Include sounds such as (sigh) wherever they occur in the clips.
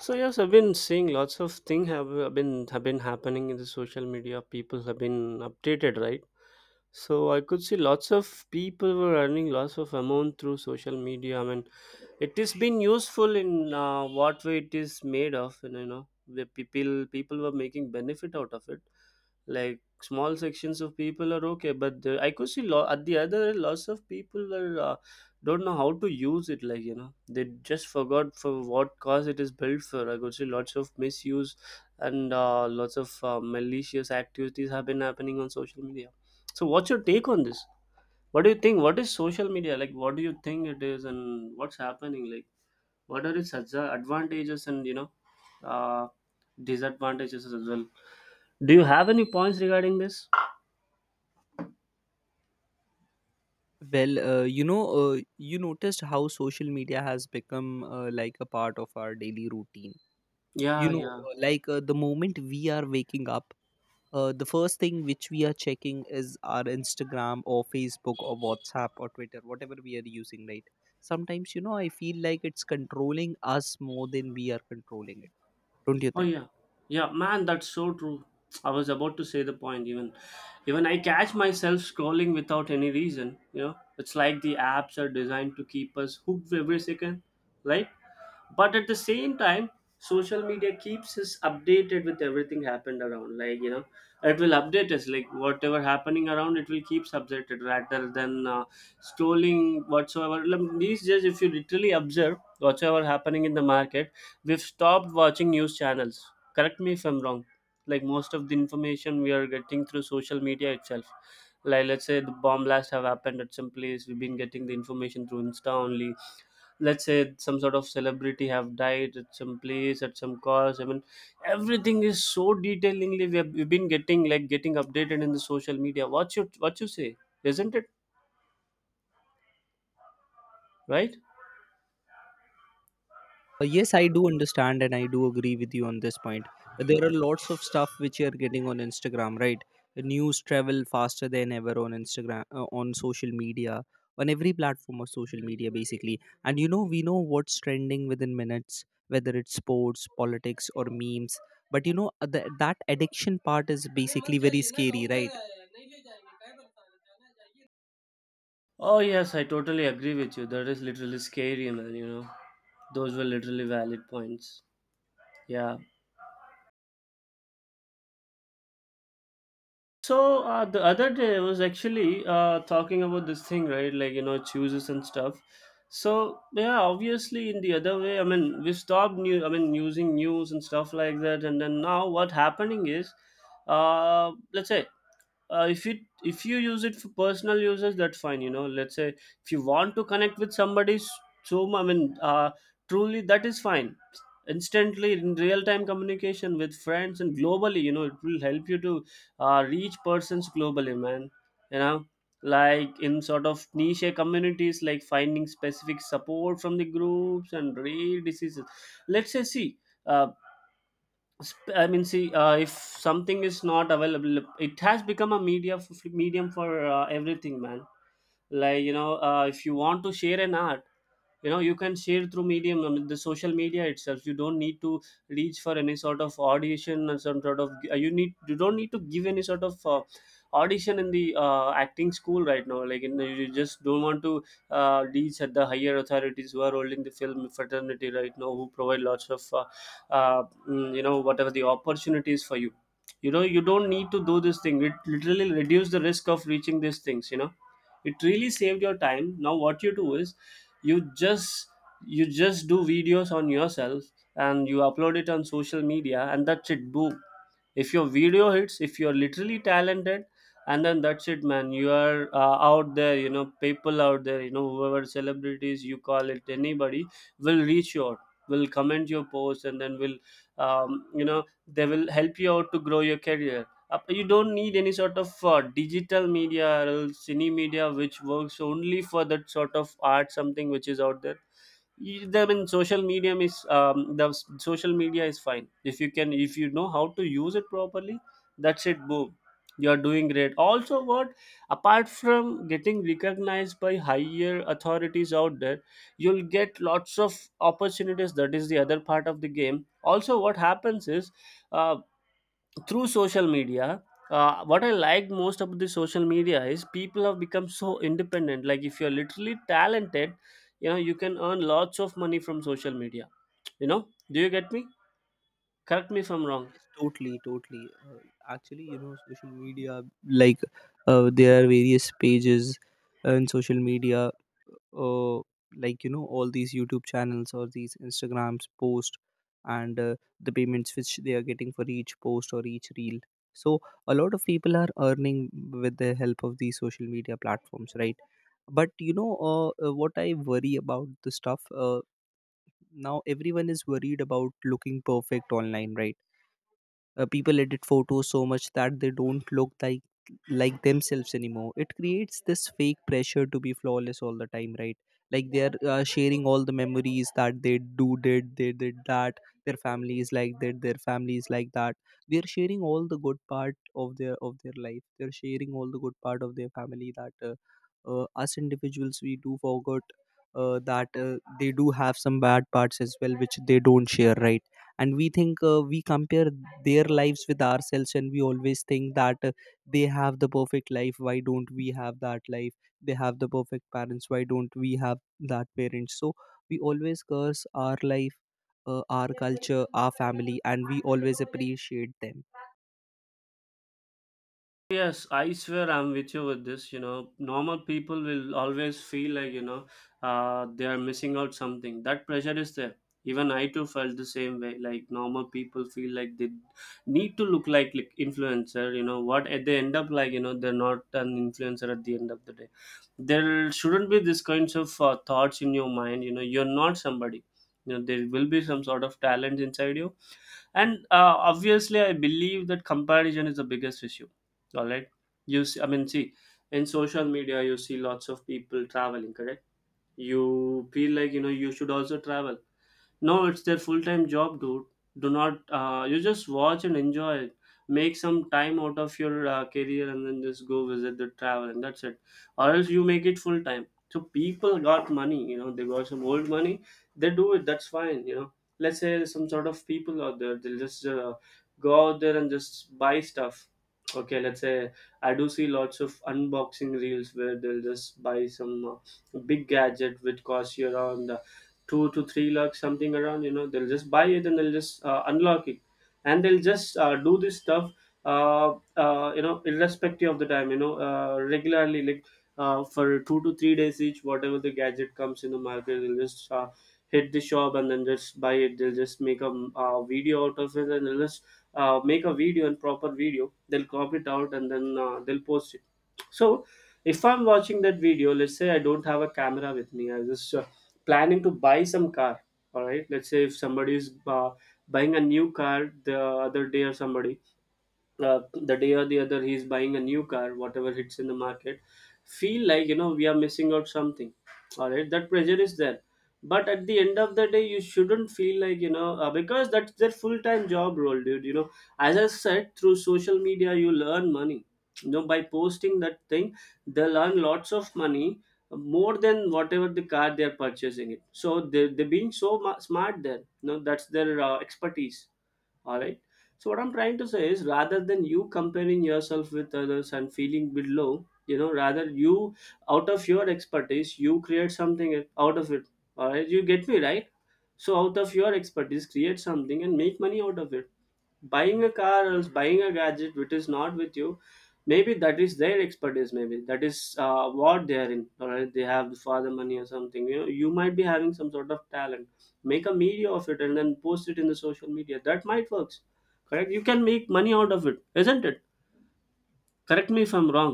So yes, I've been seeing lots of things have been happening in the social media. People have been updated, right? So I could see lots of people were earning lots of amount through social media. I mean, it has been useful in, what way it is made of, and you know the people were making benefit out of it, like small sections of people are okay. But I could see at the other end, lots of people were, don't know how to use it, like you know they just forgot for what cause it is built for. I could see lots of misuse and, lots of, malicious activities have been happening on social media. So what's your take on this? What do you think? What is social media? Like, what do you think it is and what's happening? Like, what are its advantages and, you know, uh, disadvantages as well? Do you have any points regarding this? Well, you noticed how social media has become like a part of our daily routine. Yeah, yeah. Like the moment we are waking up, the first thing which we are checking is our Instagram or Facebook or WhatsApp or Twitter, whatever we are using, right? Sometimes, I feel like it's controlling us more than we are controlling it. Don't you Oh think? yeah. Yeah, man, that's so true. I was about to say the point. Even I catch myself scrolling without any reason. You know, it's like the apps are designed to keep us hooked every second. Right. But at the same time, social media keeps us updated with everything happened around. Like, you know, it will update us. Like whatever happening around, it will keep updated, rather than, scrolling whatsoever. Like, these days if you literally observe whatsoever happening in the market, we've stopped watching news channels, correct me if I'm wrong. Like, most of the information we are getting through social media itself. Like, let's say the bomb blasts have happened at some place, we've been getting the information through insta only. Let's say some sort of celebrity have died at some place at some cause, I mean, everything is so detailingly we've been getting, like, getting updated in the social media. What you, what you say? Isn't it? Right. Yes, I do understand and I do agree with you on this point. There are lots of stuff which you are getting on Instagram, right? The news travel faster than ever on Instagram, on social media, on every platform of social media, basically. And we know what's trending within minutes, whether it's sports, politics, or memes. But that addiction part is basically very scary, right? Oh yes, I totally agree with you. That is literally scary, man, you know. Those were literally valid points. Yeah. So, the other day I was actually, talking about this thing, right? Like, you know, chooses and stuff. So yeah, obviously in the other way, I mean, we stopped using news and stuff like that, and then now what happening is, let's say, if you if you use it for personal uses, that's fine, you know. Let's say if you want to connect with somebody. So I mean, truly that is fine. Instantly, in real time communication with friends and globally, you know, it will help you to, reach persons globally, man, you know. Like, in sort of niche communities, like finding specific support from the groups and rare diseases. Let's say, see, uh, see, if something is not available, it has become a medium for, everything, man. Like, you know, if you want to share an art, you know, you can share through medium, I mean, the social media itself. You don't need to reach for any sort of audition or some sort of. You need you don't need to give any sort of. Audition in the, acting school right now. Like, you know, you just don't want to, reach at the higher authorities who are holding the film fraternity right now, who provide lots of, uh, you know, whatever the opportunities for you. You know, you don't need to do this thing. It literally reduce the risk of reaching these things, you know. It really saved your time. Now what you do is you just do videos on yourself and you upload it on social media, and that's it. Boom. If your video hits, if you're literally talented, and then that's it, man, you are, out there, you know. People out there, you know, whoever celebrities you call it, anybody will reach you out, will comment your post, and then will, you know, they will help you out to grow your career. You don't need any sort of, digital media, or else any media which works only for that sort of art, something which is out there. I mean, social media is, social media is fine if you can, if you know how to use it properly. That's it. Boom, you are doing great. Also, what, apart from getting recognized by higher authorities out there, you'll get lots of opportunities. That is the other part of the game. Also, what happens is. Uh, Through social media, what I liked most about the social media is people have become so independent. Like, if you're literally talented, you know, you can earn lots of money from social media, you know. Do you get me? Correct me if I'm wrong. Yes, totally, totally. Actually, social media, like, there are various pages in social media, uh, like, all these YouTube channels or these Instagrams post, and the payments which they are getting for each post or each reel. So, a lot of people are earning with the help of these social media platforms, right? But, what I worry about the stuff, now everyone is worried about looking perfect online, right? People edit photos so much that they don't look like themselves anymore. It creates this fake pressure to be flawless all the time, right? Like, they are sharing all the memories that they did that. Their family is like that, their family is like that. They are sharing all the good part of their life, they are sharing all the good part of their family. That, us individuals, we do forget, that, they do have some bad parts as well, which they don't share, right? And we think, we compare their lives with ourselves, and we always think that, they have the perfect life, why don't we have that life? They have the perfect parents, why don't we have that parents? So we always curse our life, our culture, our family, and we always appreciate them. Yes, I swear I'm with you with this. You know, normal people will always feel like, you know, they are missing out something. That pressure is there. Even I too felt the same way. Like, normal people feel like they need to look like influencer. You know what? At they end up, like, you know, they're not an influencer at the end of the day. There shouldn't be this kinds of, thoughts in your mind. You know, you're not somebody. You know, there will be some sort of talent inside you, and, obviously I believe that comparison is the biggest issue. All right. You see, see, in social media you see lots of people traveling, correct? You feel like, you know, you should also travel. No, it's their full time job, dude. Do not, you just watch and enjoy it. Make some time out of your, career, and then just go visit the travel, and that's it. Or else you make it full time. So people got money, you know, they got some old money, they do it, that's fine, you know. Let's say some sort of people out there, they'll just, go out there and just buy stuff. Okay, let's say I do see lots of unboxing reels where they'll just buy some, big gadget which costs you around. 2 to 3 lakhs something around, you know, they'll just buy it, and they'll just, unlock it, and they'll just, do this stuff. uh, you know, irrespective of the time, you know, regularly, like, for 2 to 3 days each, whatever the gadget comes in the market, they'll just, hit the shop and then just buy it. They'll just make a, video out of it, and they'll just, make a video and proper video, they'll crop it out, and then, they'll post it. So if I'm watching that video, let's say I don't have a camera with me, I just, planning to buy some car. All right, let's say if somebody is, buying a new car the other day or somebody the day or the other, he is buying a new car, whatever hits in the market, feel like, you know, we are missing out something. All right, that pressure is there. But at the end of the day, you shouldn't feel like, you know, because that's their full-time job role, dude, you know. As I said, through social media you learn money, you know, by posting that thing, they'll earn lots of money, more than whatever the car they're purchasing it. So they're being so smart there, you know. That's their, expertise. All right. So what I'm trying to say is, rather than you comparing yourself with others and feeling below, you know, rather you, out of your expertise, you create something out of it. All right, you get me, right? So out of your expertise, create something and make money out of it. Buying a car or else buying a gadget which is not with you, maybe that is their expertise, maybe that is, what they are in. All right, they have for the money or something, you know. You might be having some sort of talent, make a media of it, and then post it in the social media, that might works, correct? You can make money out of it, isn't it? Correct me if I'm wrong.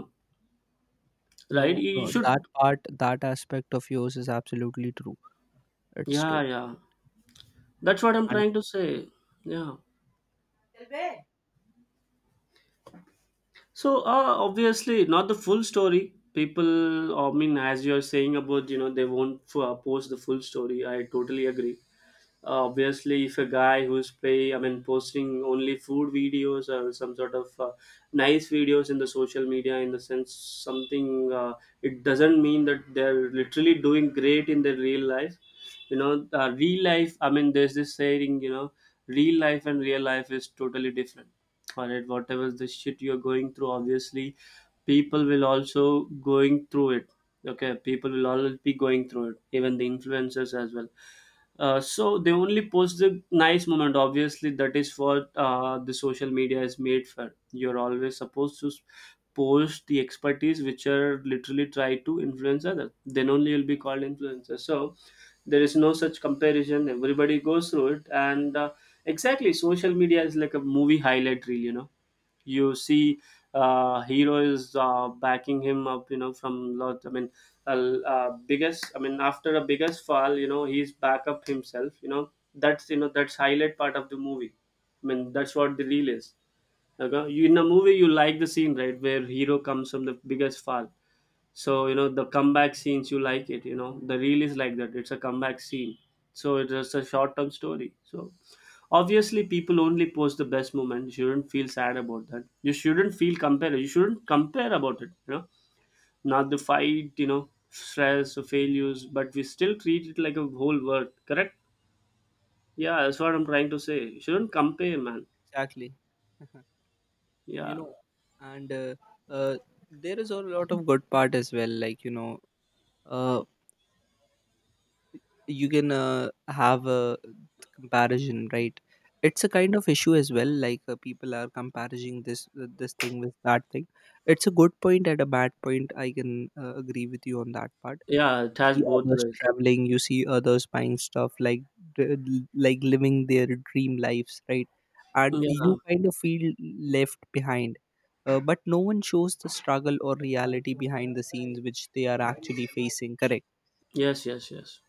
Right. No, You no, should. That aspect of yours is absolutely true. It's true. Yeah, yeah, that's what I'm And trying to say. Yeah. So, obviously not the full story. People, I mean, as you're saying about, you know, they won't post the full story. I totally agree. Obviously if a guy who's play I mean posting only food videos or some sort of nice videos in the social media in the sense something, it doesn't mean that they're literally doing great in their real life. You know, real life, I mean, there's this saying, you know, real life and real life is totally different. All right, whatever the shit you're going through, obviously people will also going through it. Okay, people will always be going through it, even the influencers as well. So they only post the nice moment. Obviously, that is what the social media is made for. You're always supposed to post the expertise which are literally try to influence others. Then only you'll be called influencer. So there is no such comparison. Everybody goes through it, and exactly, social media is like a movie highlight reel. You know, you see, hero is backing him up, you know, from lot I mean uh, biggest, I mean, after a biggest fall, you know, he's back up himself, you know. That's, you know, that's highlight part of the movie. I mean, that's what the reel is. Okay? You in a movie, you like the scene, right, where hero comes from the biggest fall. So you know the comeback scenes, you like it. You know the reel is like that. It's a comeback scene. So it's just a short term story. So obviously people only post the best moment. You shouldn't feel sad about that. You shouldn't feel compare. You shouldn't compare about it. You know, not the fight. You know, stress or failures, but we still treat it like a whole world. Correct? Yeah, that's what I'm trying to say. You shouldn't compare, man. exactly, (laughs) you Yeah, know, and uh, there is a lot of good part as well. Like, uh, you can, have a comparison, right? It's a kind of issue as well. Like, people are comparing this thing with that thing. It's a good point at a bad point. I can, agree with you on that part. yeah. It You has see both others ways. traveling, you see others buying stuff, like like living their dream lives, right? And you Yeah. kind of feel left behind. But no one shows the struggle or reality behind the scenes which they are actually facing, correct? Yes. Yes. Yes.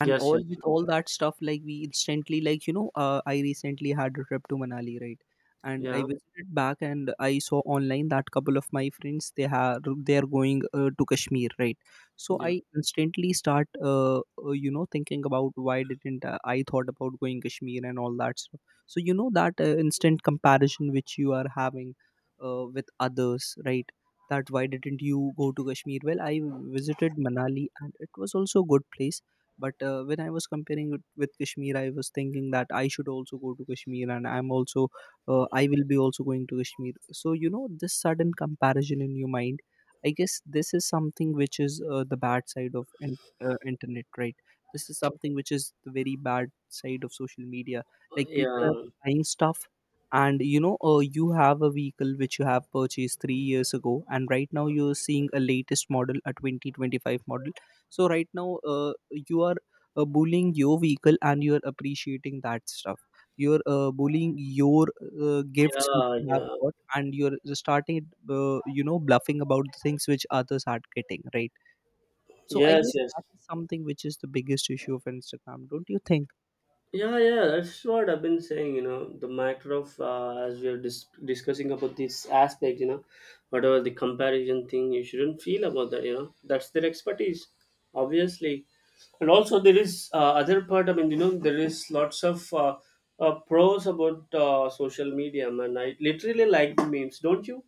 And Yes. all Yes. with all that stuff, like, we instantly, like, I recently had a trip to Manali, right? And I Yeah. visited back, and I saw online that couple of my friends, they are going, to Kashmir, right? So I Yeah. instantly start, thinking about why didn't, I thought about going Kashmir and all that stuff. So that, instant comparison which you are having, with others, right? That, why didn't you go to Kashmir? Well, I visited Manali and it was also a good place. But, when I was comparing it with Kashmir, I was thinking that I should also go to Kashmir. And I will be also going to Kashmir. So this sudden comparison in your mind. I guess this is something which is, the bad side of internet, right? This is something which is the very bad side of social media. Like, people Yeah. are buying stuff. And you have a vehicle which you have purchased 3 years ago, and right now you're seeing a latest model, a 2025 model. So right now, you are, bullying your vehicle and you are appreciating that stuff. You're, bullying your, gifts which Yeah, you have yeah, got, and you're starting, bluffing about the things which others are getting, right? So I yes, guess yes, that is something which is the biggest issue of Instagram. Don't you think? yeah, yeah. That's what I've been saying. You know, the matter of, as we are discussing about this aspect. You know, whatever the comparison thing, you shouldn't feel about that. You know, that's their expertise, obviously. And also, there is other part. I mean, you know, there is lots of pros about social media, man. I literally like the memes, don't you?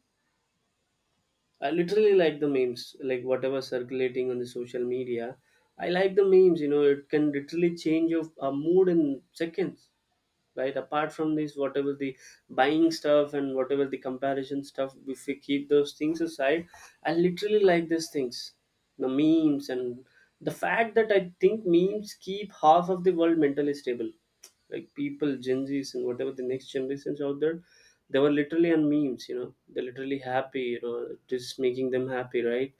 I literally like the memes, like whatever circulating on the social media. I like the memes, you know, it can literally change your mood in seconds. Right, apart from this, whatever the buying stuff and whatever the comparison stuff, if we keep those things aside, I literally like these things, the memes, and the fact that I think memes keep half of the world mentally stable. Like people, gen z's and whatever the next generations out there, they were literally on memes, you know, they're literally happy, you know, just making them happy, right?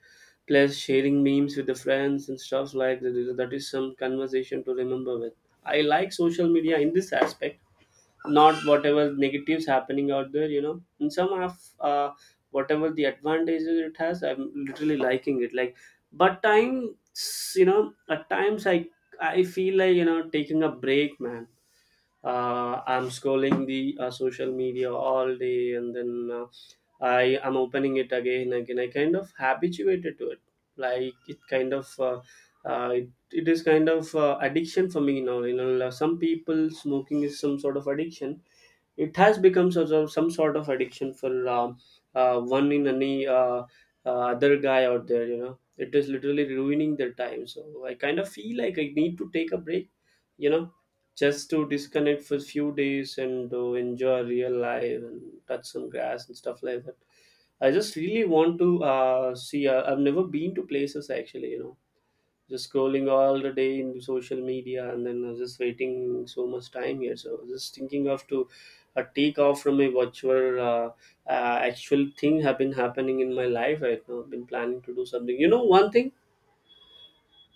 Plus sharing memes with the friends and stuff like that, that is some conversation to remember with. I like social media in this aspect, not whatever negatives happening out there, you know. And some of, whatever the advantages it has, I'm literally liking it, like. But times, you know, at times I feel like, you know, taking a break, man. I'm scrolling the social media all day, and then, I am opening it again and again. I kind of habituated to it. Like it kind of, it is kind of addiction for me now. You know, some people smoking is some sort of addiction. It has become sort of some sort of addiction for one in any other guy out there, you know. It is literally ruining their time, so I kind of feel like I need to take a break, you know, just to disconnect for a few days and to enjoy real life and touch some grass and stuff like that. I just really want to see, I've never been to places actually, you know, just scrolling all the day in social media. And then I was just waiting so much time here. So I was just thinking of to take off from a virtual, actual thing have been happening in my life right now. I've been planning to do something. You know, one thing,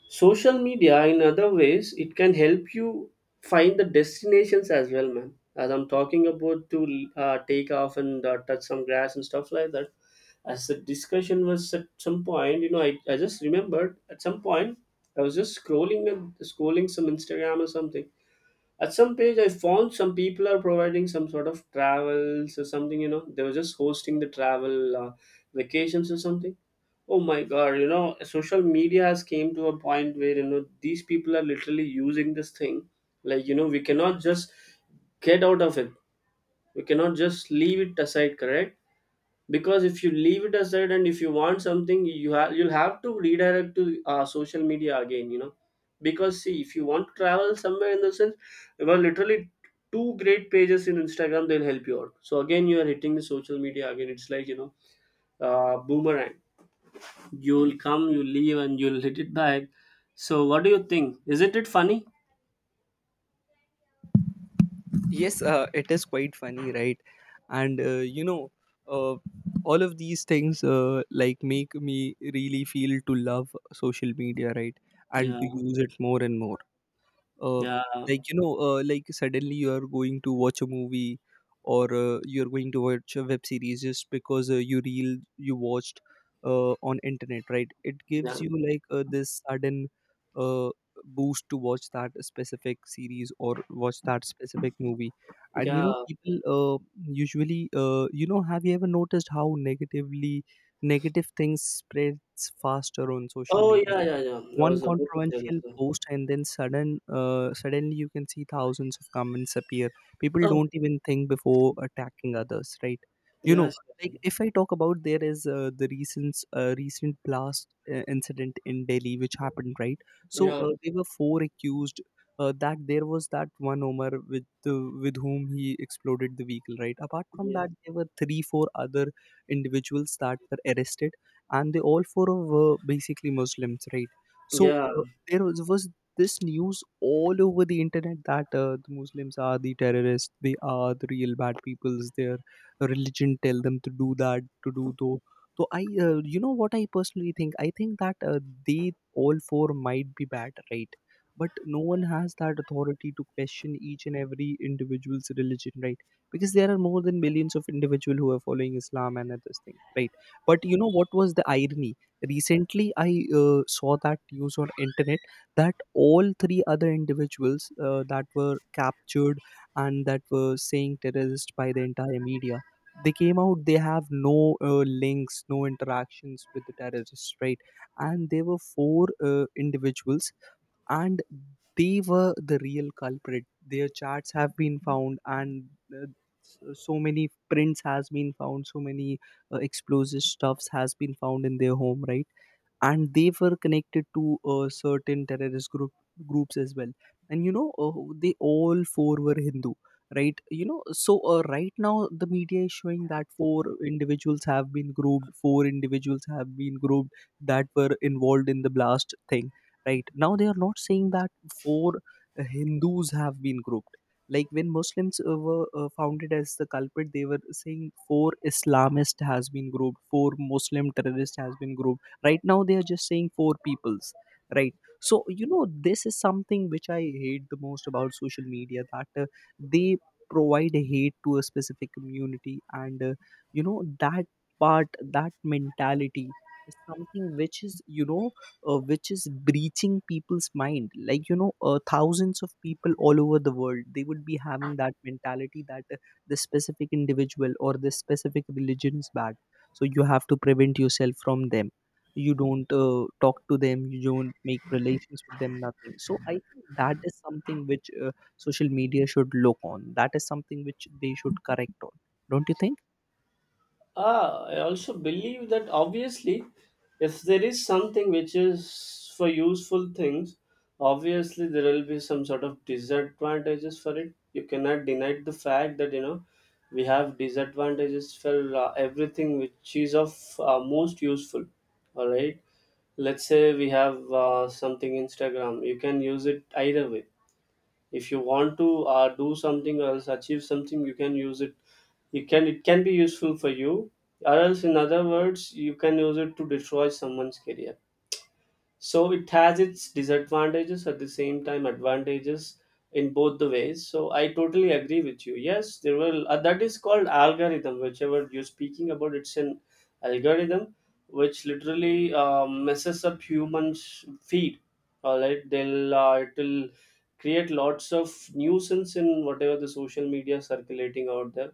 social media, in other ways, it can help you find the destinations as well, man. As I'm talking about to take off and touch some grass and stuff like that. As the discussion was at some point, you know, I just remembered at some point I was just scrolling and scrolling some Instagram or something. At some page, I found some people are providing some sort of travels or something. You know, they were just hosting the travel vacations or something. Oh my god, you know, social media has came to a point where, you know, these people are literally using this thing. Like, you know, we cannot just get out of it. We cannot just leave it aside, correct? Because if you leave it aside and if you want something, you'll have to redirect to social media again, you know. Because see, if you want to travel somewhere in the sense, well, literally two great pages in Instagram, they'll help you out. So again, you are hitting the social media again. It's like, you know, boomerang. You'll come, you leave, and you'll hit it back. So, what do you think? Isn't it funny? Yes, it is quite funny, right? And uh, all of these things, like, make me really feel to love social media, right? And Yeah, to use it more and more. uh, yeah, like, like, suddenly you are going to watch a movie. Or, you're going to watch a web series, just because, you reel you watched, on internet, right? It yeah, gives you, like, this sudden, uh, boost to watch that specific series or watch that specific movie. And yeah. People, usually, have you ever noticed how negative things spreads faster on social Oh, media? yeah, yeah, yeah. I One was about to say this. controversial post, and then suddenly you can see thousands of comments appear. People Oh, don't even think before attacking others, right? you know yes, like, yes, if I talk about, there is, the recent blast, incident in Delhi which happened, right? So, yeah, there were four accused, that there was that one Omar with whom he exploded the vehicle, right? Apart from yeah, that, there were three, four other individuals that were arrested, and they all four were basically Muslims, right? So, yeah. There was this news all over the internet that, the Muslims are the terrorists, they are the real bad peoples, their religion tell them to do that, to do though. So I, you know what I personally think? I think that, they all four might be bad, right? But no one has that authority to question each and every individual's religion, right? Because there are more than millions of individuals who are following Islam and this thing, right? But you know what was the irony? Recently I, saw that news on internet, that all three other individuals, that were captured and that were saying terrorist by the entire media, they came out, they have no, links, no interactions with the terrorists, right? And there were four, individuals, and they were the real culprit, their charts have been found. And, uh, so many prints has been found, so many, explosive stuffs has been found in their home, right? And they were connected to, certain terrorist groups as well. And they all four were Hindu, right? So, right now the media is showing that four individuals have been grouped, four individuals have been grouped, that were involved in the blast thing. Right now they are not saying that four, Hindus have been grouped. Like, when Muslims, were, founded as the culprit, they were saying four Islamist has been grouped, four Muslim terrorist has been grouped. Right now they are just saying four peoples, right? So this is something which I hate the most about social media, that, they provide hate to a specific community. And, you know that that mentality is something which is, which is breaching people's mind. Like, thousands of people all over the world, they would be having that mentality that, this specific individual or this specific religion is bad. So you have to prevent yourself from them, you don't, talk to them, you don't make relations with them, nothing. So I think that is something which, social media should look on, that is something which they should correct on. Don't you think? Ah, I also believe that obviously, if there is something which is for useful things, obviously there will be some sort of disadvantages for it. You cannot deny the fact that, you know, we have disadvantages for everything which is of most useful. All right, let's say we have something Instagram. You can use it either way. If you want to do something or else achieve something, you can use it. You can It can be useful for you, or else in other words, you can use it to destroy someone's career. So it has its disadvantages at the same time advantages, in both the ways. So I totally agree with you. Yes, there will that is called algorithm, whichever you're speaking about, it's an algorithm which literally messes up humans feed. All right, they'll it'll create lots of nuisance in whatever the social media circulating out there.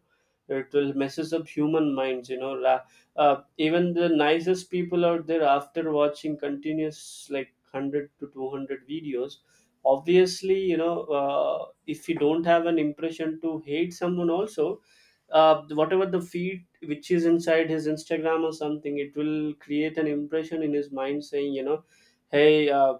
It will messes up human minds, you know, ra even the nicest people out there after watching continuous like 100 to 200 videos, obviously, you know, if you don't have an impression to hate someone also, whatever the feed which is inside his Instagram or something, it will create an impression in his mind saying, you know, hey, uh,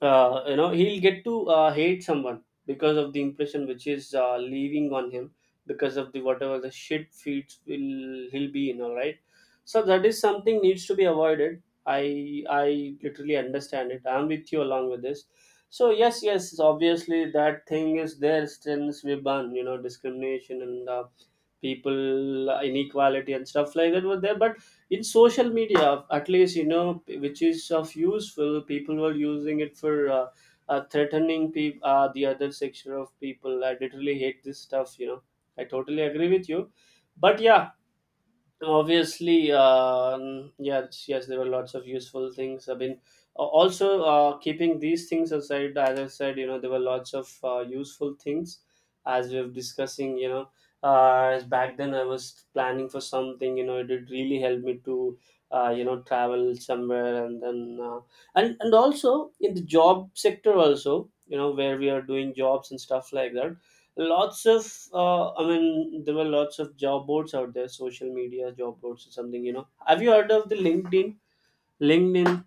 uh, you know, he'll get to hate someone because of the impression which is leaving on him, because of the whatever the shit feeds will he'll be in, all right? So that is something needs to be avoided. I literally understand it, I'm with you along with this. So yes, yes, obviously that thing is there since we ban, you know, discrimination and, people inequality and stuff like that were there. But in social media, at least, you know, which is of useful, people were using it for threatening people, the other section of people. I literally hate this stuff, you know. I totally agree with you, but yeah. So, obviously, yes, yes, there were lots of useful things, I mean, also, keeping these things aside, as I said, you know, there were lots of useful things. As we were discussing, you know, as back then I was planning for something, you know, it did really help me to you know, travel somewhere and then, and also in the job sector also, you know, where we are doing jobs and stuff like that. Lots of I mean, there were lots of job boards out there, social media job boards or something. You know, have you heard of the LinkedIn? LinkedIn,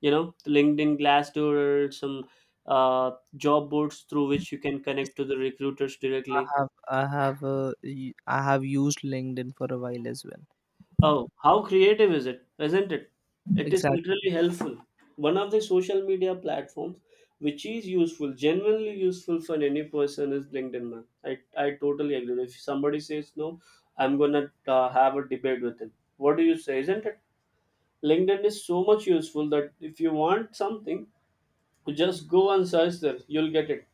you know, the LinkedIn, Glassdoor, some uh, job boards through which you can Yes, connect to yes. the recruiters i directly. have I have used LinkedIn for a while as well. Oh, how creative is it? Isn't it? It is Exactly. literally helpful. One of the social media platforms which is useful, genuinely useful for any person is LinkedIn, man. I totally agree. If somebody says no, I'm gonna have a debate with him. What do you say? Isn't it? LinkedIn is so much useful that if you want something, just go and search there, you'll get it.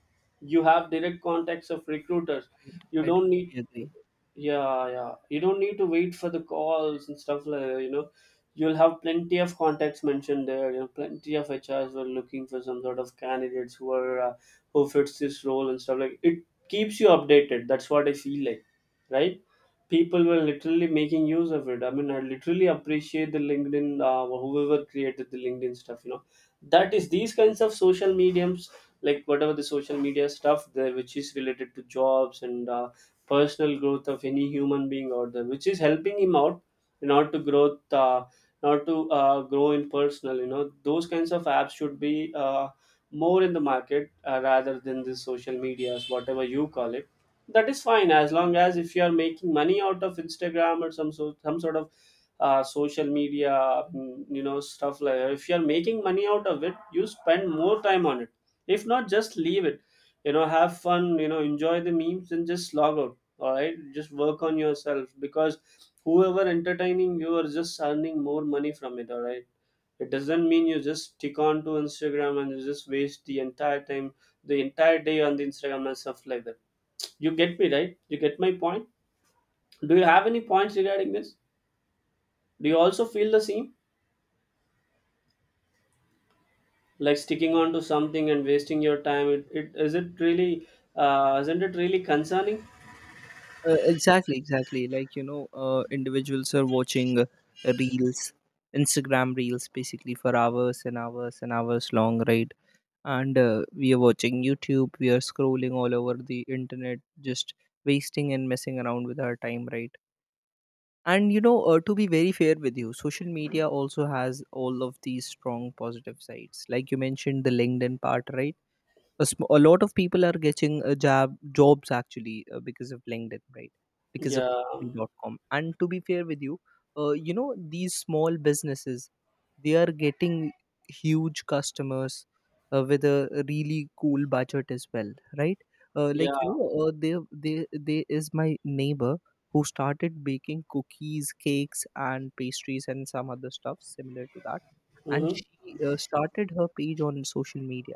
You have direct contacts of recruiters. Right. I You don't need, totally agree. yeah, you don't need to wait for the calls and stuff like that. You'll have plenty of contacts mentioned there. Plenty of HRs were looking for some sort of candidates who are who fits this role and stuff like it. Keeps you updated, that's what I feel like. Right. People were literally making use of it. I mean, I literally appreciate the LinkedIn, whoever created the LinkedIn stuff. That is, these kinds of social mediums, like whatever the social media stuff there which is related to jobs and personal growth of any human being out there, which is helping him out in order to grow, not to grow in personal, you know, those kinds of apps should be more in the market, rather than the social medias, whatever you call it. That is fine. As long as if you are making money out of Instagram or some sort of social media, you know, stuff like that. If you're making money out of it, you spend more time on it. If not, just leave it. You know, have fun, you know, enjoy the memes and just log out. All right, just work on yourself, because whoever entertaining you are just earning more money from it. All right, it doesn't mean you just stick on to Instagram and you just waste the entire time, the entire day, on the Instagram and stuff like that. You get me, right? You get my point. Do you have any points regarding this? Do you also feel the same? Like sticking on to something and wasting your time, it is, it really, isn't it really concerning? Exactly, exactly. Like, individuals are watching, reels, Instagram reels basically for hours and hours and hours long, right? And, we are watching YouTube, we are scrolling all over the internet, just wasting and messing around with our time, right? And, to be very fair with you, social media also has all of these strong positive sides. Like you mentioned, the LinkedIn part, right? A lot of people are getting a job jobs actually, because of LinkedIn, right? Because of Yeah, Naukri.com. And to be fair with you, you know, these small businesses, they are getting huge customers with a really cool budget as well, right? uh, yeah. like you know uh, there there there is my neighbor who started baking cookies, cakes and pastries and some other stuff similar to that. And Mm-hmm. she started her page on social media.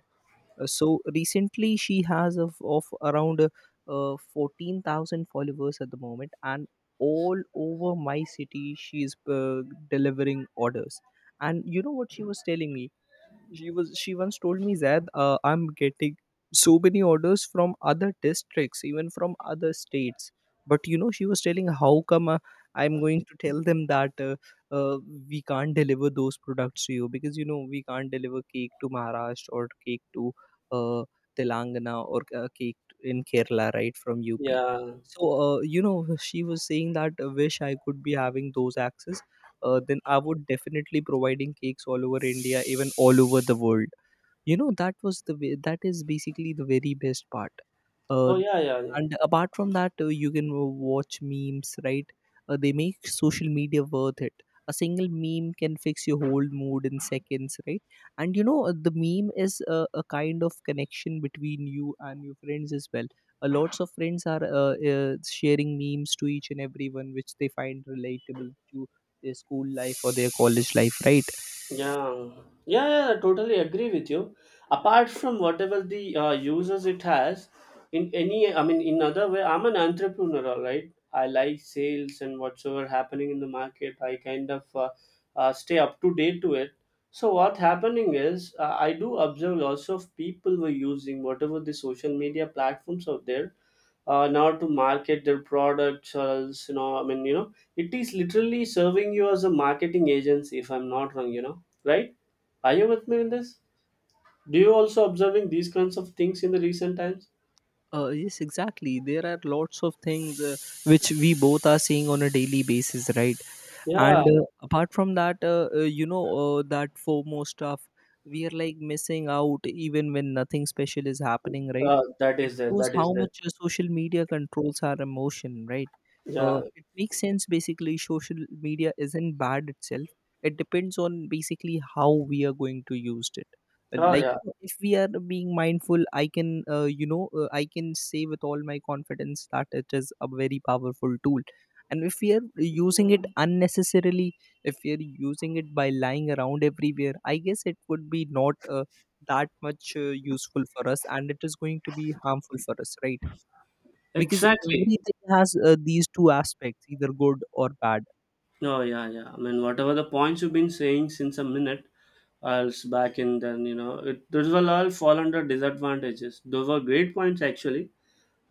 So recently she has of around 14,000 followers at the moment, and all over my city she is delivering orders. And you know what she was telling me? She was she once told me, Zad, I'm getting so many orders from other districts, even from other states. But you know, she was telling, how come I'm going to tell them that uh, we can't deliver those products to you? Because you know, we can't deliver cake to Maharashtra, or cake to uh, Telangana, or cake in Kerala, right, from UP. Yeah. So you know, she was saying that wish I could be having those access, then I would definitely providing cakes all over India, even all over the world. You know, that was the that is basically the very best part. uh, Oh, yeah, yeah, yeah. and apart from that, you can watch memes, right? They make social media worth it. A single meme can fix your whole mood in seconds, right? And you know, the meme is a kind of connection between you and your friends as well. Lots of friends are sharing memes to each and everyone which they find relatable to their school life or their college life, right? Yeah, yeah, yeah, I totally agree with you. Apart from whatever the users it has, in any, I mean, in other way, I'm an entrepreneur, all right? I like sales and whatsoever happening in the market. I kind of stay up to date to it. So what happening is, I do observe lots of people were using whatever the social media platforms out there in order to market their products, or else, you know, I mean, you know, it is literally serving you as a marketing agency, if I'm not wrong, you know, right? Are you with me in this? Do you also observing these kinds of things in the recent times? Yes, exactly. There are lots of things which we both are seeing on a daily basis, right? Yeah. And apart from that, you know, that FOMO stuff, we are like missing out even when nothing special is happening, right? That It is there, shows that is how there. much social media controls our emotion, right? Yeah. It makes sense. Basically, social media isn't bad itself, it depends on basically how we are going to use it. Oh, Like yeah. you know, if we are being mindful, I can you know, I can say with all my confidence that it is a very powerful tool. And if we are using it unnecessarily, if we are using it by lying around everywhere, I guess it would be not that much useful for us, and it is going to be harmful for us, right? Because Exactly. everything has these two aspects, either good or bad. Oh, yeah, yeah. I mean, whatever the points you've been saying since a minute else back in then, you know, it, those will all fall under disadvantages. Those were great points, actually.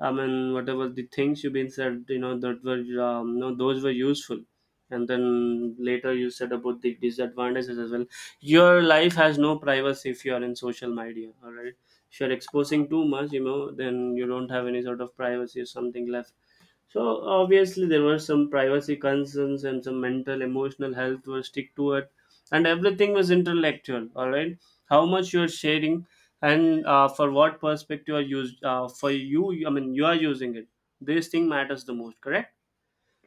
I mean, whatever the things you've been said, you know, that were, you know, those were useful. And then later you said about the disadvantages as well. Your life has no privacy if you are in social media, all right? If you're exposing too much, you know, then you don't have any sort of privacy or something left. So obviously there were some privacy concerns and some mental, emotional health were stick to it, and everything was intellectual. All right, how much you are sharing, and for what perspective are used for you? I mean, you are using it. This thing matters the most, correct?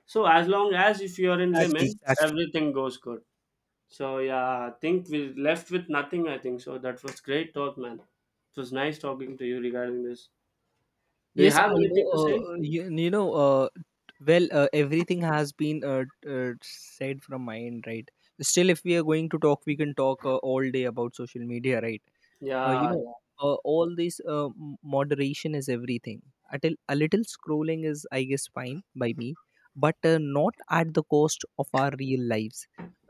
So as long as if you are in Exactly, limit, exactly. everything goes good. So yeah, I think we left with nothing, I think so. That was great talk, man. It was nice talking to you regarding this. Do you Yes, have I know. anything to say? Everything has been said from my end, right? Still, if we are going to talk, we can talk all day about social media, right? You Yeah, know, yeah. All this moderation is everything. At A little scrolling is, I guess, fine by me, but not at the cost of our real lives,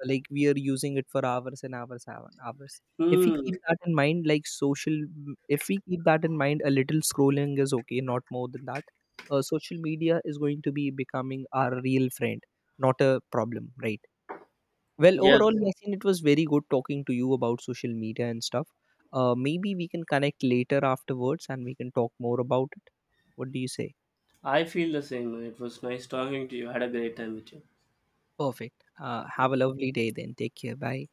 like we are using it for hours and hours and hours. If we Hmm. keep that in mind, like social, if we keep that in mind, a little scrolling is okay, not more than that. Social media is going to be becoming our real friend, not a problem, right? Well, Yes. overall, Yasin, it was very good talking to you about social media and stuff. Maybe we can connect later afterwards and we can talk more about it. What do you say? I feel the same. It was nice talking to you. I had a great time with you. Perfect. Have a lovely day then. Take care. Bye.